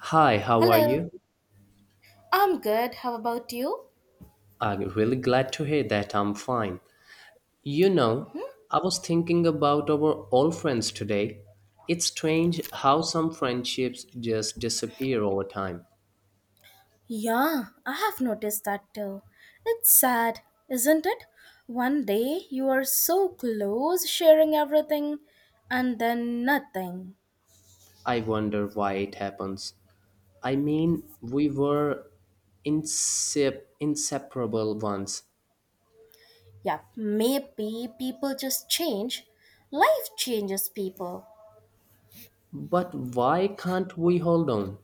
Hi, how are Hello, you? I'm good. How about you? I'm really glad to hear that I'm fine. You know, I was thinking about our old friends today. It's strange how some friendships just disappear over time. Yeah, I have noticed that too. It's sad, isn't it? One day you are so close sharing everything and then nothing. I wonder why it happens. I mean, we were inseparable once. Yeah, maybe people just change. Life changes people. But why can't we hold on?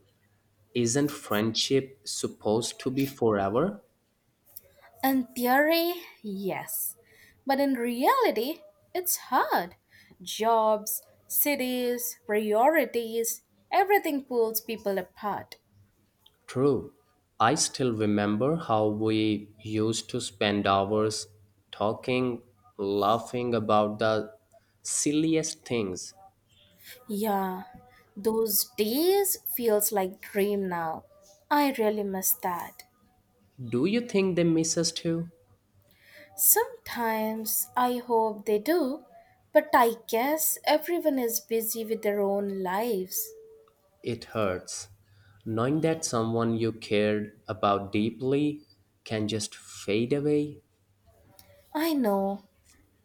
Isn't friendship supposed to be forever? In theory, yes. But in reality, it's hard. Jobs, cities, priorities, everything pulls people apart. True. I still remember how we used to spend hours talking, laughing about the silliest things. Yeah, those days feels like dream now. I really miss that. Do you think they miss us too? Sometimes I hope they do, but I guess everyone is busy with their own lives. It hurts. Knowing that someone you cared about deeply can just fade away. I know.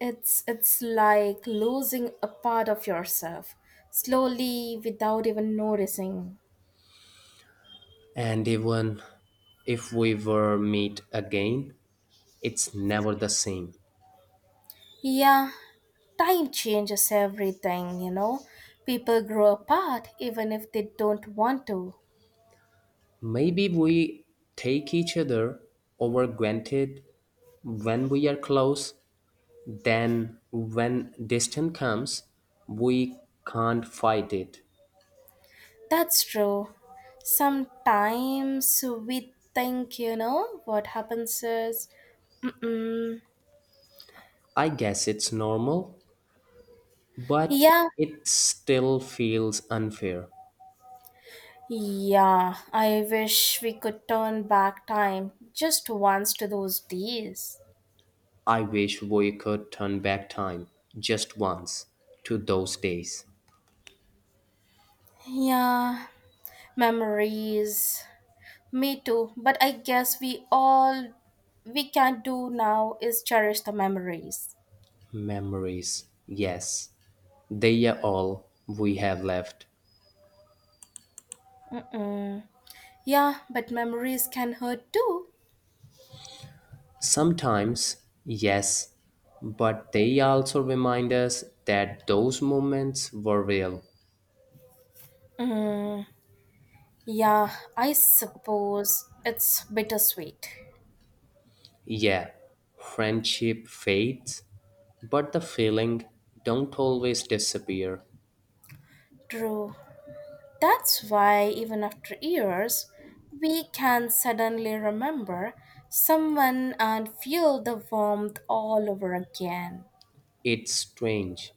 It's like losing a part of yourself slowly without even noticing. And even if we were meet again, it's never the same. Yeah, time changes everything. People grow apart even if they don't want to. Maybe we take each other over granted when we are close, then when distance comes, we can't fight it. That's true. Sometimes we think, what happens is, mm-mm. I guess it's normal, but yeah, it still feels unfair. yeah, I wish we could turn back time just once to those days. I wish we could turn back time just once to those days. Yeah, memories. Me too. But I guess we can do now is cherish the memories. Memories, yes, they are all we have left. Mm-mm. Yeah, but memories can hurt too. Sometimes, yes, but they also remind us that those moments were real. Mm. Yeah, I suppose it's bittersweet. Yeah, friendship fades, but the feeling don't always disappear. True. That's why, even after years, we can suddenly remember someone and feel the warmth all over again. It's strange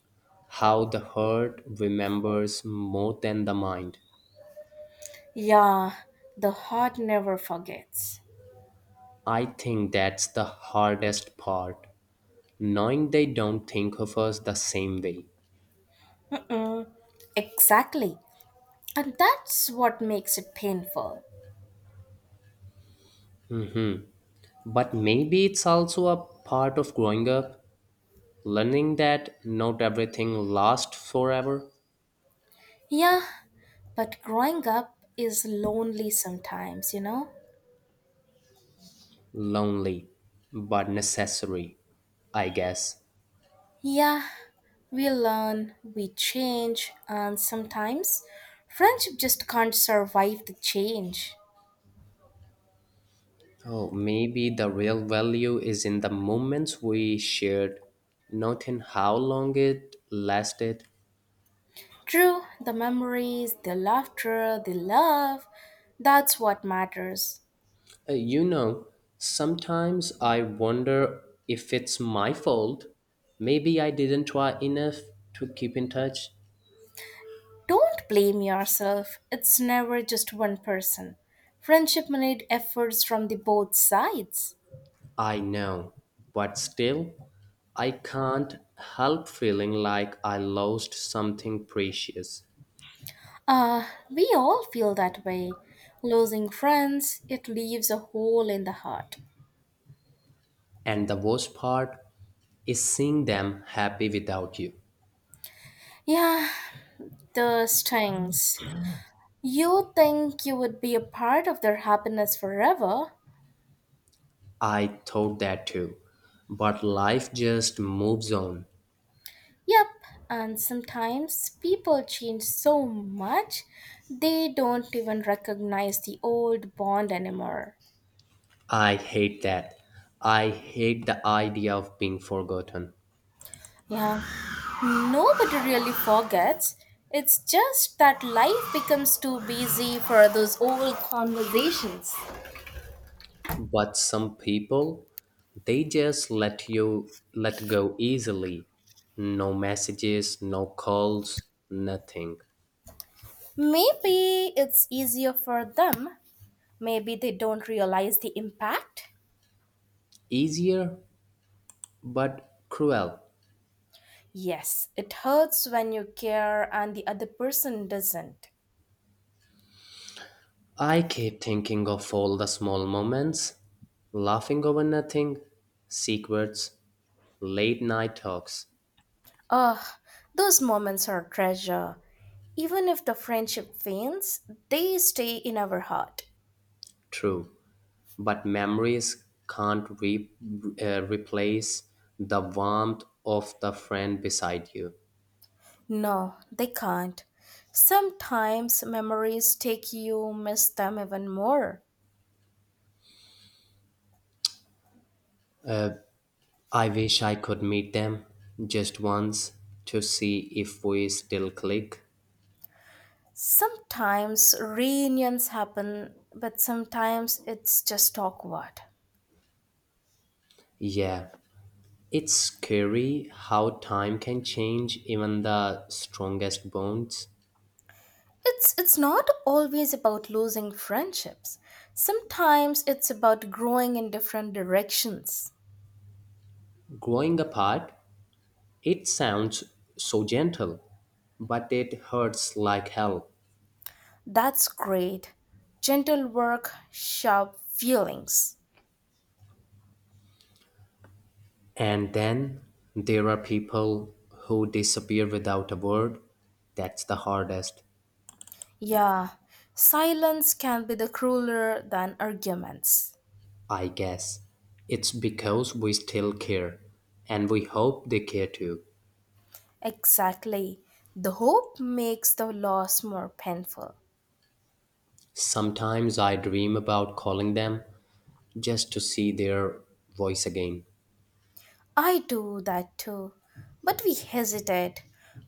how the heart remembers more than the mind. Yeah, the heart never forgets. I think that's the hardest part, knowing they don't think of us the same way. Mm, exactly. And that's what makes it painful. Mhm. But maybe it's also a part of growing up, learning that not everything lasts forever. Yeah, but growing up is lonely sometimes, you know? Lonely, but necessary, I guess. Yeah, we learn, we change, and sometimes friendship just can't survive the change. Oh, maybe the real value is in the moments we shared, not in how long it lasted. True, the memories, the laughter, the love, that's what matters. You know, sometimes I wonder if it's my fault. Maybe I didn't try enough to keep in touch. Don't blame yourself, it's never just one person. Friendship needs efforts from the both sides. I know, but still, I can't help feeling like I lost something precious. We all feel that way. Losing friends, it leaves a hole in the heart. And the worst part is seeing them happy without you. Yeah, the stings. You think you would be a part of their happiness forever? I thought that too, but life just moves on. Yep, and sometimes people change so much they don't even recognize the old bond anymore. I hate that. I hate the idea of being forgotten. Yeah, nobody really forgets. It's just that life becomes too busy for those old conversations. But some people, they just let you let go easily. No messages, no calls, nothing. Maybe it's easier for them. Maybe they don't realize the impact. Easier, but cruel. Yes, it hurts when you care and the other person doesn't. I keep thinking of all the small moments, laughing over nothing, secrets, late night talks, Ah, those moments are treasure. Even if the friendship fails, they stay in our heart. true. But memories can't replace the warmth of the friend beside you. No, they can't. Sometimes memories take you, miss them even more. I wish I could meet them just once to see if we still click. Sometimes reunions happen, but sometimes it's just awkward. Yeah, it's scary how time can change even the strongest bonds. It's not always about losing friendships. Sometimes it's about growing in different directions. Growing apart, it sounds so gentle, but it hurts like hell. That's great. Gentle work, sharp feelings. And then there are people who disappear without a word. That's the hardest, Yeah, silence can be the crueler than arguments. I guess. It's because we still care, and we hope they care too. Exactly. The hope makes the loss more painful. Sometimes I dream about calling them just to see their voice again. I do that too. But we hesitate.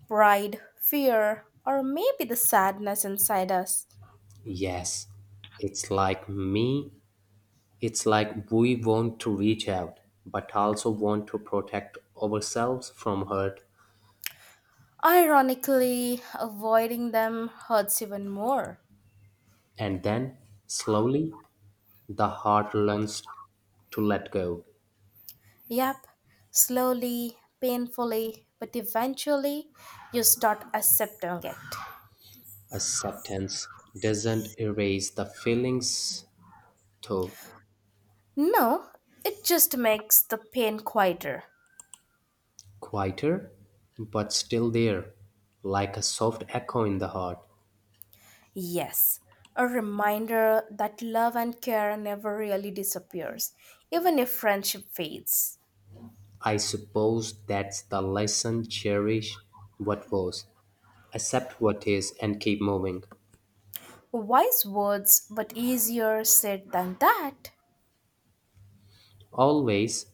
Pride, fear, or maybe the sadness inside us. Yes, it's like me. It's like we want to reach out, but also want to protect ourselves from hurt. Ironically, avoiding them hurts even more. And then, slowly, the heart learns to let go. Yep, slowly, painfully, but eventually you start accepting it. Acceptance doesn't erase the feelings, though No, it just makes the pain quieter. quieter, but still there, like a soft echo in the heart. Yes, a reminder that love and care never really disappears, even if friendship fades. I suppose that's the lesson, cherish what was, accept what is, and keep moving. Wise words, but easier said than that. Always.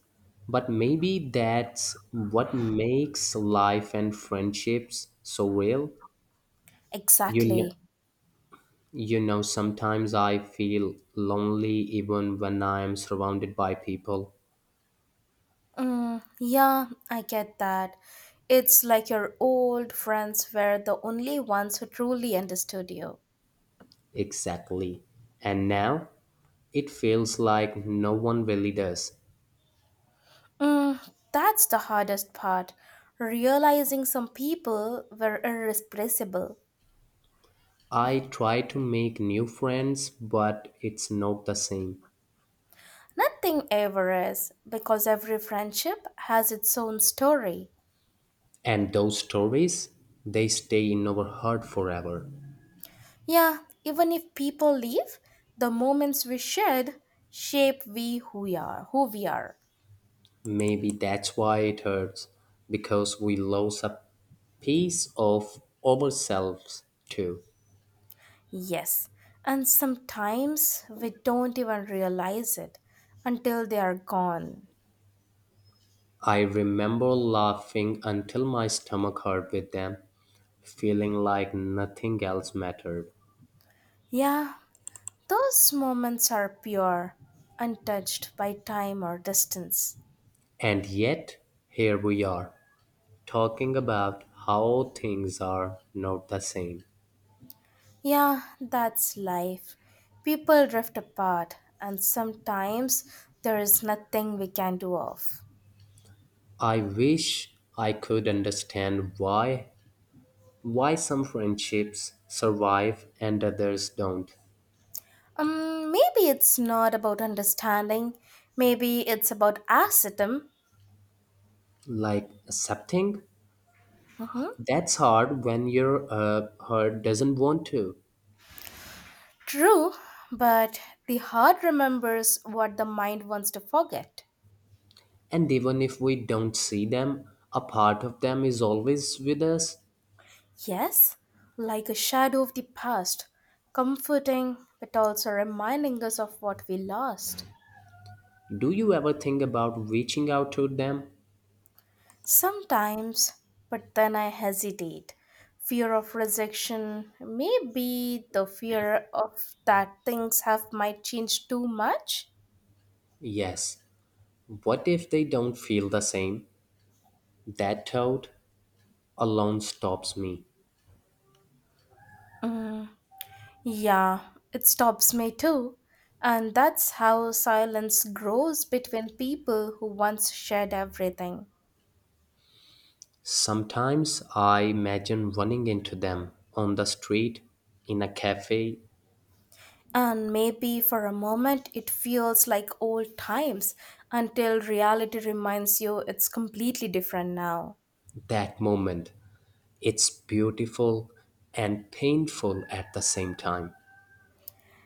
But maybe that's what makes life and friendships so real. You know, Exactly. you know, sometimes I feel lonely even when I am surrounded by people. Mm, yeah, I get that. It's like your old friends were the only ones who truly understood you. Exactly. And now it feels like no one really does. Mm, that's the hardest part. Realizing some people were irrepressible. I try to make new friends, but it's not the same. Nothing ever is, because every friendship has its own story. And those stories, they stay in our heart forever. Yeah, even if people leave, the moments we shared shape we who we are, who we are. Maybe that's why it hurts, because we lose a piece of ourselves too. Yes, and sometimes we don't even realize it until they are gone. I remember laughing until my stomach hurt with them, feeling like nothing else mattered. Yeah, those moments are pure, untouched by time or distance. And yet, here we are, talking about how things are not the same. Yeah, that's life. People drift apart, and sometimes there is nothing we can do of. I wish I could understand why some friendships survive and others don't. Maybe it's not about understanding, maybe it's about ascetism. Like accepting. That's hard when your heart doesn't want to. True, but the heart remembers what the mind wants to forget. And even if we don't see them, a part of them is always with us. Yes, like a shadow of the past, comforting but also reminding us of what we lost. Do you ever think about reaching out to them? Sometimes, but then I hesitate. Fear of rejection, maybe the fear of that things have might change too much. Yes. What if they don't feel the same? That thought alone stops me. Mm, yeah, it stops me too. And that's how silence grows between people who once shared everything. Sometimes I imagine running into them on the street, in a cafe. And maybe for a moment it feels like old times until reality reminds you it's completely different now. That moment, it's beautiful and painful at the same time.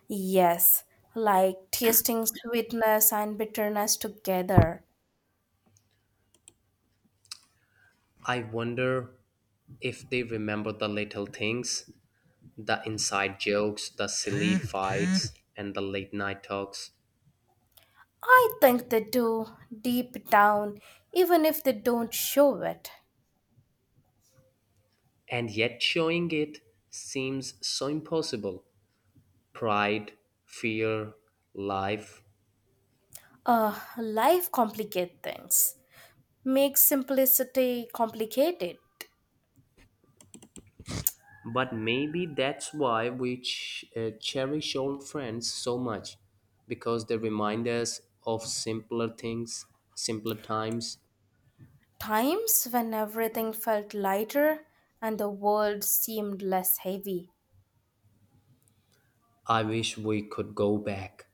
Yes, like tasting sweetness and bitterness together. I wonder if they remember the little things, the inside jokes, the silly fights, and the late night talks, I think they do, deep down, even if they don't show it. and yet showing it seems so impossible. Pride, fear, life. Life complicates things. Makes simplicity complicated. But maybe that's why we cherish old friends so much, because they remind us of simpler things, simpler times. Times when everything felt lighter and the world seemed less heavy. I wish we could go back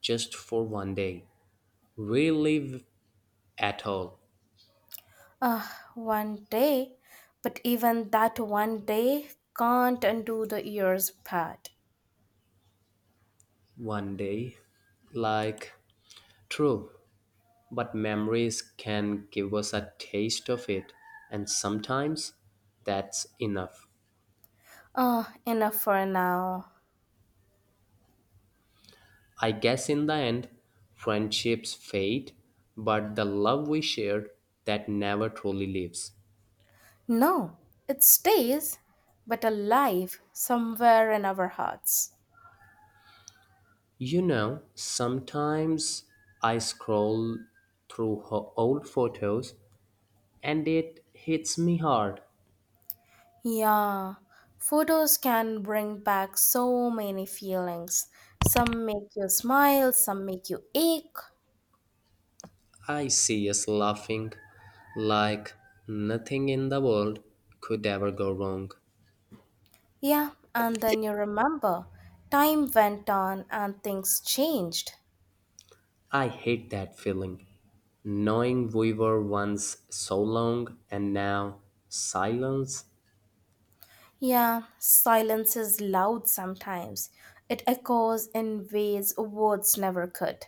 just for one day, relive at all. Ah, one day, but even that one day can't undo the years bad. One day. Like, true, but memories can give us a taste of it, and sometimes that's enough. Ah, enough for now. I guess in the end, friendships fade, but the love we shared, that never truly lives. No, it stays, but alive somewhere in our hearts. You know, sometimes I scroll through her old photos and it hits me hard. Yeah, photos can bring back so many feelings. Some make you smile, some make you ache. I see us laughing like nothing in the world could ever go wrong. Yeah, and then you remember time went on and things changed. I hate that feeling. Knowing we were once so long and now silence, Yeah, silence is loud sometimes. It echoes in ways words never could.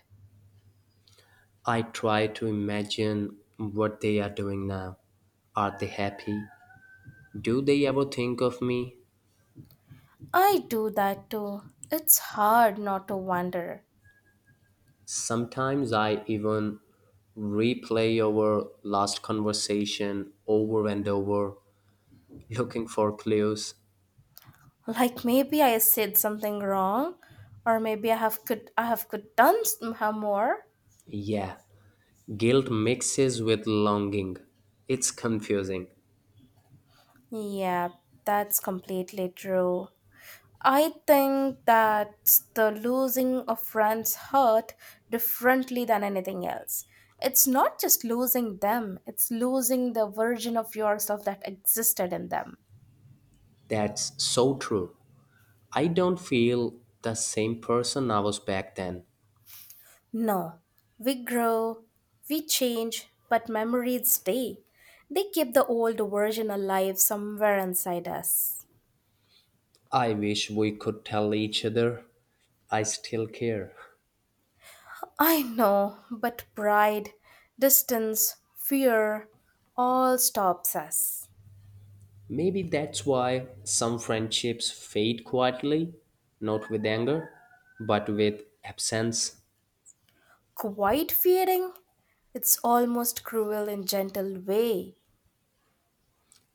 I try to imagine what they are doing now. Are they happy? Do they ever think of me? I do that too. It's hard not to wonder. Sometimes I even replay our last conversation over and over, looking for clues. Like maybe I said something wrong, or maybe I have could done some more. Yeah, guilt mixes with longing. It's confusing. Yeah, that's completely true. I think that's the losing of friends hurt differently than anything else. It's not just losing them, it's losing the version of yourself that existed in them. That's so true. I don't feel the same person I was back then. No, we grow, we change, but memories stay. They keep the old version alive somewhere inside us. I wish we could tell each other I still care. I know, but pride, distance, fear all stops us. Maybe that's why some friendships fade quietly, not with anger, but with absence. Quite fearing? It's almost cruel in gentle way.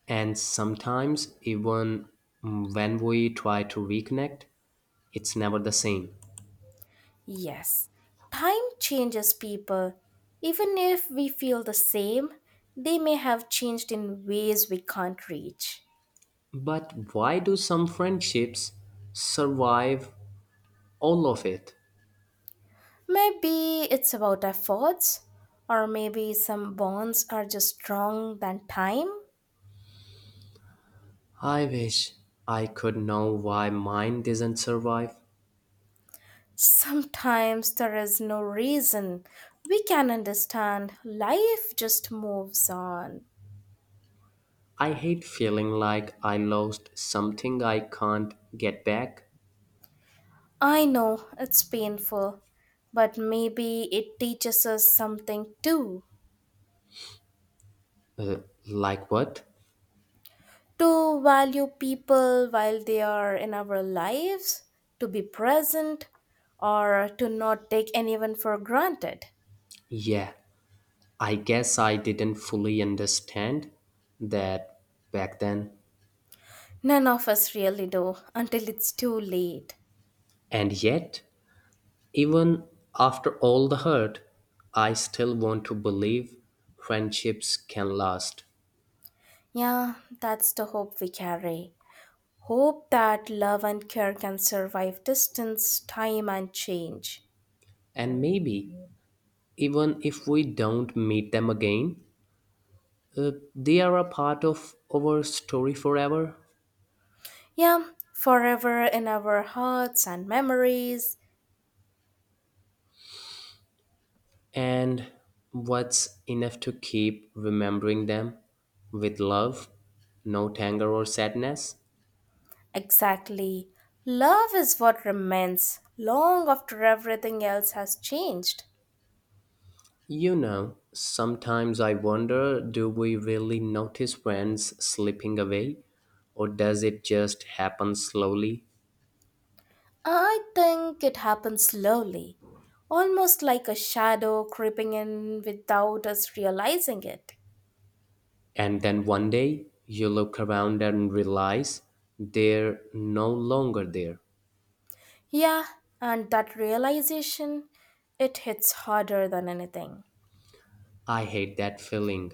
And sometimes, even when we try to reconnect, it's never the same. Yes, time changes people. Even if we feel the same, they may have changed in ways we can't reach. But why do some friendships survive all of it? Maybe it's about efforts, or maybe some bonds are just strong than time. I wish I could know why mine doesn't survive. Sometimes there is no reason. We can understand life just moves on. I hate feeling like I lost something I can't get back. I know it's painful, but maybe it teaches us something too. Uh, like what? To value people while they are in our lives, to be present, or to not take anyone for granted. Yeah, I guess I didn't fully understand that back then. None of us really do until it's too late. And yet, even after all the hurt, I still want to believe friendships can last. Yeah, that's the hope we carry. Hope that love and care can survive distance, time, and change. And maybe even if we don't meet them again. They are a part of our story forever, Yeah, forever in our hearts and memories. and what's enough to keep remembering them with love, no anger or sadness? Exactly. Love is what remains long after everything else has changed. You know, sometimes I wonder, do we really notice friends slipping away, or does it just happen slowly? I think it happens slowly, almost like a shadow creeping in without us realizing it. And then one day you look around and realize they're no longer there. Yeah, and that realization, it hits harder than anything. I hate that feeling.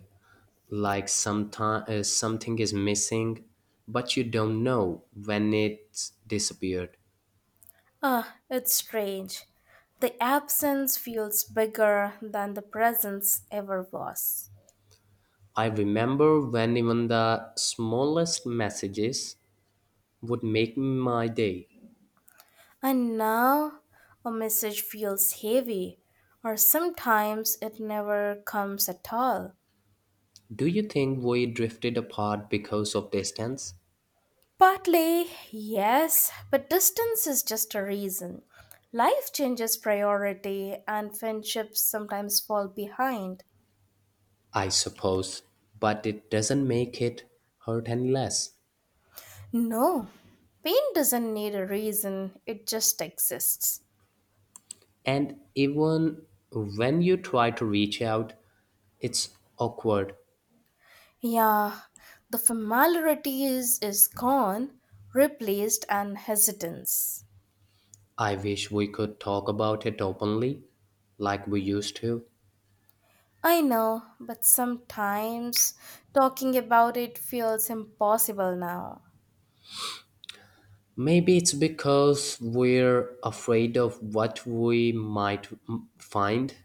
Like sometime, something is missing, but you don't know when it's disappeared. Ah, it's strange. The absence feels bigger than the presence ever was. I remember when even the smallest messages would make my day. And now a message feels heavy, or sometimes it never comes at all. Do you think we drifted apart because of distance? Partly, yes, but distance is just a reason. Life changes priority, and friendships sometimes fall behind. I suppose, but it doesn't make it hurt any less. No, pain doesn't need a reason, it just exists. And even when you try to reach out, it's awkward. Yeah, the familiarity is gone, replaced and hesitance. I wish we could talk about it openly, like we used to. I know, but sometimes talking about it feels impossible now. Maybe it's because we're afraid of what we might find.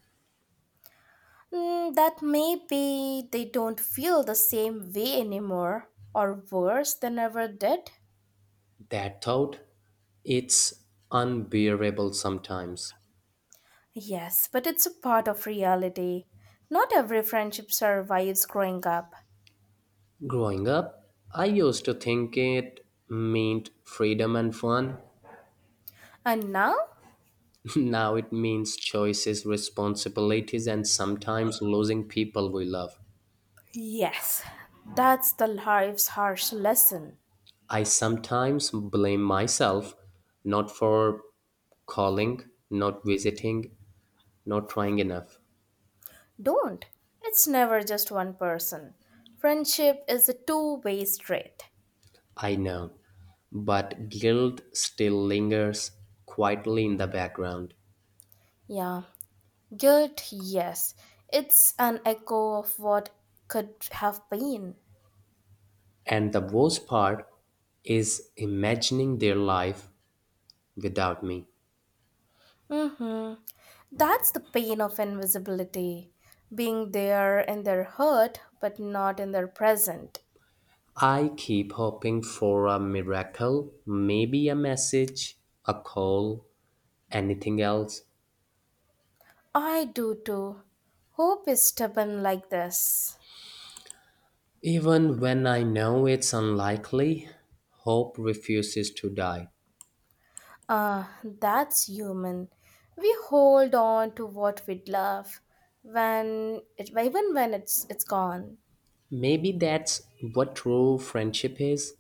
Mm, that maybe they don't feel the same way anymore, or worse than ever did. That thought, it's unbearable sometimes. Yes, but it's a part of reality. Not every friendship survives growing up. Growing up, I used to think it meant freedom and fun. And now? Now it means choices, responsibilities, and sometimes losing people we love. Yes, that's the life's harsh lesson. I sometimes blame myself, not for calling, not visiting, not trying enough. Don't. It's never just one person. Friendship is a two-way street. I know. But guilt still lingers quietly in the background. Yeah. Guilt, yes. It's an echo of what could have been. And the worst part is imagining their life without me. Mm-hmm. That's the pain of invisibility. Being there in their hurt, but not in their present. I keep hoping for a miracle, maybe a message, a call, anything else. I do too. Hope is stubborn like this. Even when I know it's unlikely, hope refuses to die. Ah, that's human. We hold on to what we love even when it's gone. Maybe that's what true friendship is.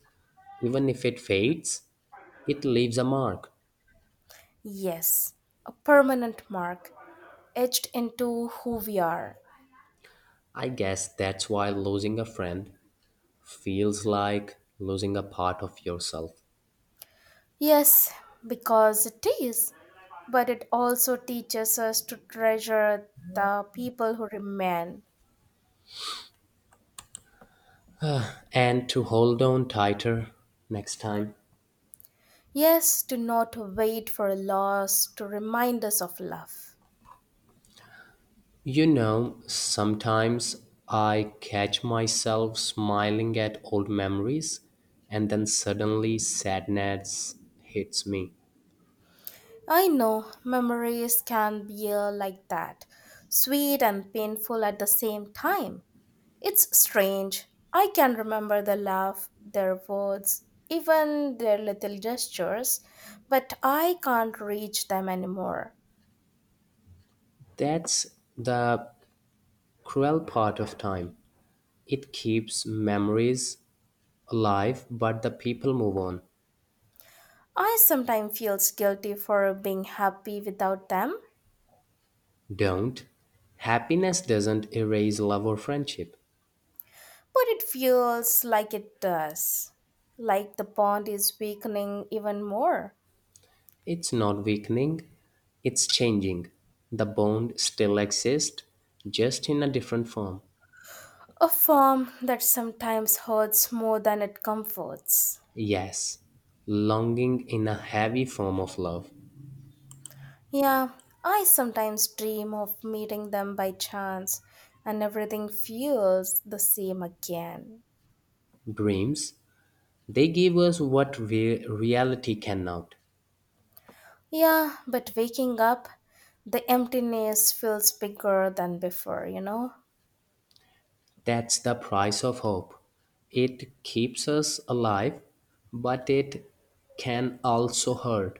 Even if it fades, it leaves a mark. Yes, a permanent mark etched into who we are. I guess that's why losing a friend feels like losing a part of yourself. Yes, because it is, but it also teaches us to treasure the people who remain. And to hold on tighter next time. Yes, to not wait for a loss to remind us of love. You know, sometimes I catch myself smiling at old memories, and then suddenly sadness hits me. I know memories can be like that, sweet and painful at the same time. It's strange. I can remember their laugh, their words, even their little gestures, but I can't reach them anymore. That's the cruel part of time. It keeps memories alive, but the people move on, I sometimes feels guilty for being happy without them, don't. Happiness doesn't erase love or friendship. but it feels like it does. Like the bond is weakening even more. It's not weakening, it's changing. The bond still exists, just in a different form. A form that sometimes hurts more than it comforts. Yes, longing in a heavy form of love. Yeah, I sometimes dream of meeting them by chance, and everything feels the same again. Dreams, they give us what reality cannot. Yeah, but waking up, the emptiness feels bigger than before, you know? That's the price of hope. It keeps us alive, but it can also hurt.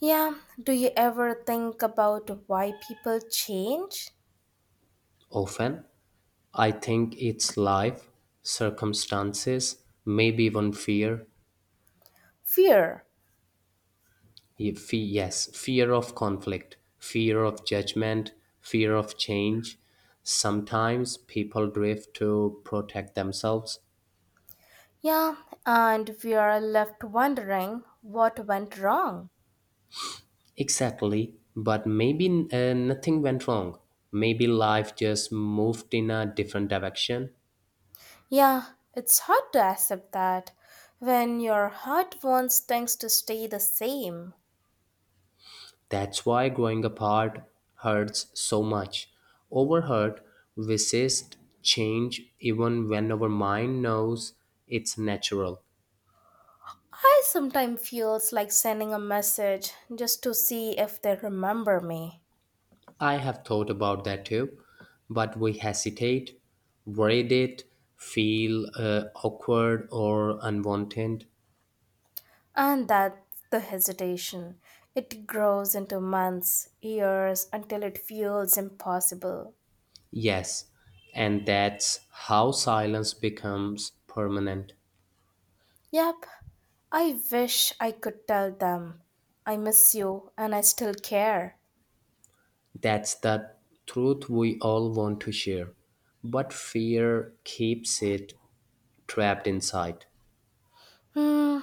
Yeah, do you ever think about why people change? Often, I think it's life, circumstances, maybe even fear. Fear. Yes, fear of conflict, fear of judgment, fear of change. Sometimes people drift to protect themselves. Yeah, and we are left wondering what went wrong. Exactly, but maybe nothing went wrong. Maybe life just moved in a different direction. Yeah, it's hard to accept that when your heart wants things to stay the same. That's why growing apart hurts so much. Overhurt, resist change even when our mind knows it's natural. I sometimes feels like sending a message just to see if they remember me. I have thought about that too, but we hesitate, dread it, feel awkward or unwanted. And that's the hesitation. It grows into months, years until it feels impossible. Yes, and that's how silence becomes permanent. Yep, I wish I could tell them I miss you and I still care. That's the truth we all want to share, but fear keeps it trapped inside. Hmm,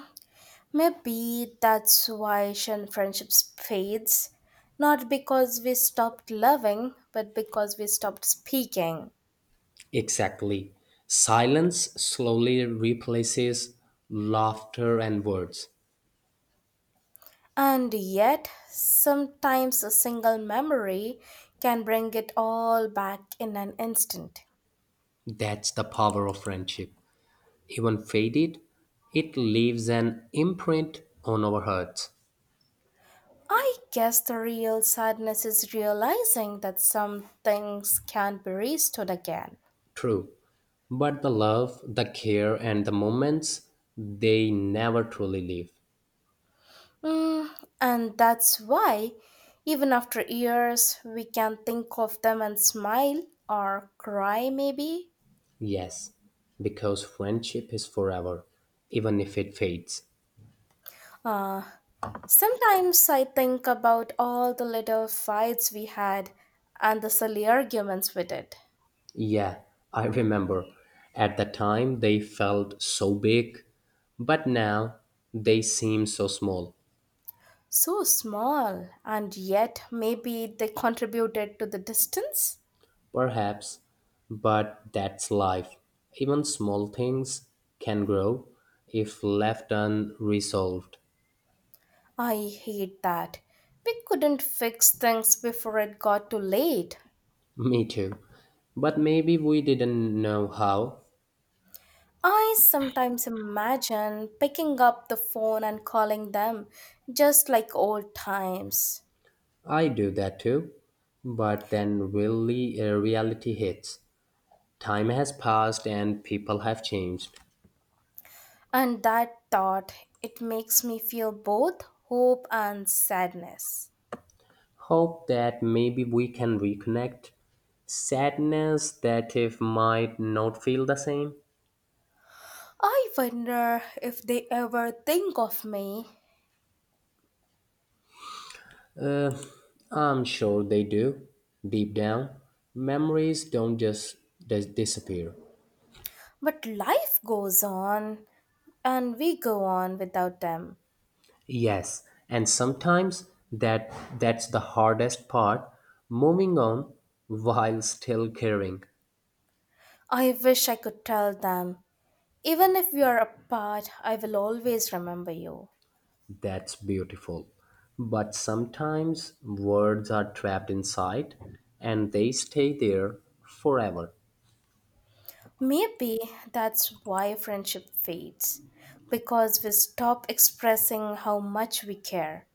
Maybe that's why Asian friendships fades, not because we stopped loving, but because we stopped speaking. Exactly. Silence slowly replaces laughter and words. And yet, sometimes a single memory can bring it all back in an instant. That's the power of friendship. Even faded, it leaves an imprint on our hearts. I guess the real sadness is realizing that some things can't be restored again. True. But the love, the care, and the moments, they never truly leave. Mm, and that's why, even after years, we can think of them and smile or cry, maybe. Yes, because friendship is forever, even if it fades. Uh, Sometimes I think about all the little fights we had and the silly arguments we did. Yeah, I remember. At the time, they felt so big, but now they seem so small. So small, and yet maybe they contributed to the distance? Perhaps, but that's life. Even small things can grow if left unresolved. I hate that. We couldn't fix things before it got too late. Me too. But maybe we didn't know how. I sometimes imagine picking up the phone and calling them just like old times. I do that too. But then really reality hits. Time has passed and people have changed. And that thought, it makes me feel both hope and sadness. Hope that maybe we can reconnect. Sadness that if might not feel the same. I wonder if they ever think of me. Uh, I'm sure they do. Deep down, memories don't just disappear. But life goes on, and we go on without them. Yes, and sometimes that's the hardest part, moving on while still caring. I wish I could tell them, even if we are apart, I will always remember you. That's beautiful. But sometimes words are trapped inside and they stay there forever. Maybe that's why friendship fades, because we stop expressing how much we care.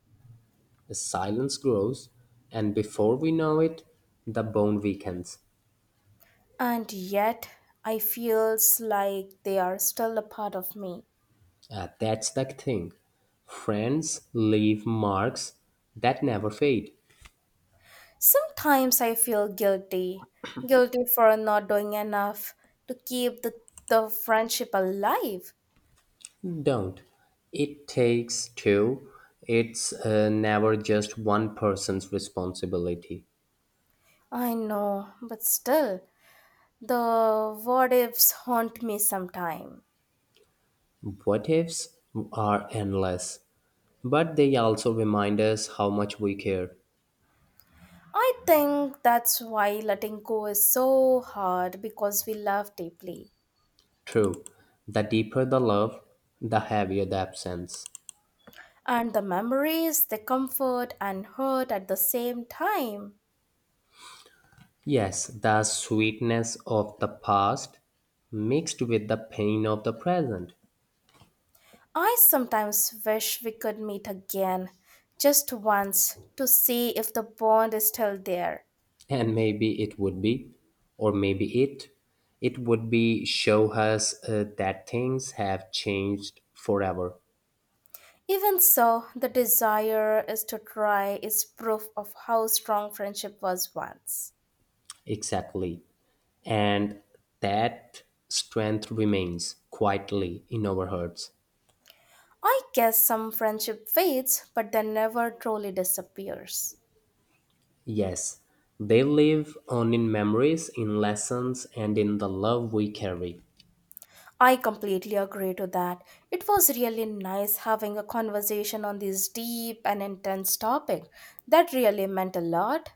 The silence grows, and before we know it, the bone weakens. And yet, I feels like they are still a part of me. That's the thing. Friends leave marks that never fade. Sometimes I feel guilty, guilty for not doing enough to keep the friendship alive. Don't. It takes two. It's never just one person's responsibility. I know, but still, the what ifs haunt me sometime. What ifs are endless, but they also remind us how much we care. I think that's why letting go is so hard because we love deeply. True. The deeper the love, the heavier the absence. And the memories, the comfort and hurt at the same time. Yes, the sweetness of the past mixed with the pain of the present. I sometimes wish we could meet again, just once, to see if the bond is still there. And maybe it would be, or maybe it would be show us that things have changed forever. Even so, the desire is to try is proof of how strong friendship was once. Exactly, and that strength remains quietly in our hearts. I guess some friendship fades, but then never truly disappears. Yes, they live on in memories, in lessons, and in the love we carry. I completely agree to that. It was really nice having a conversation on this deep and intense topic. That really meant a lot.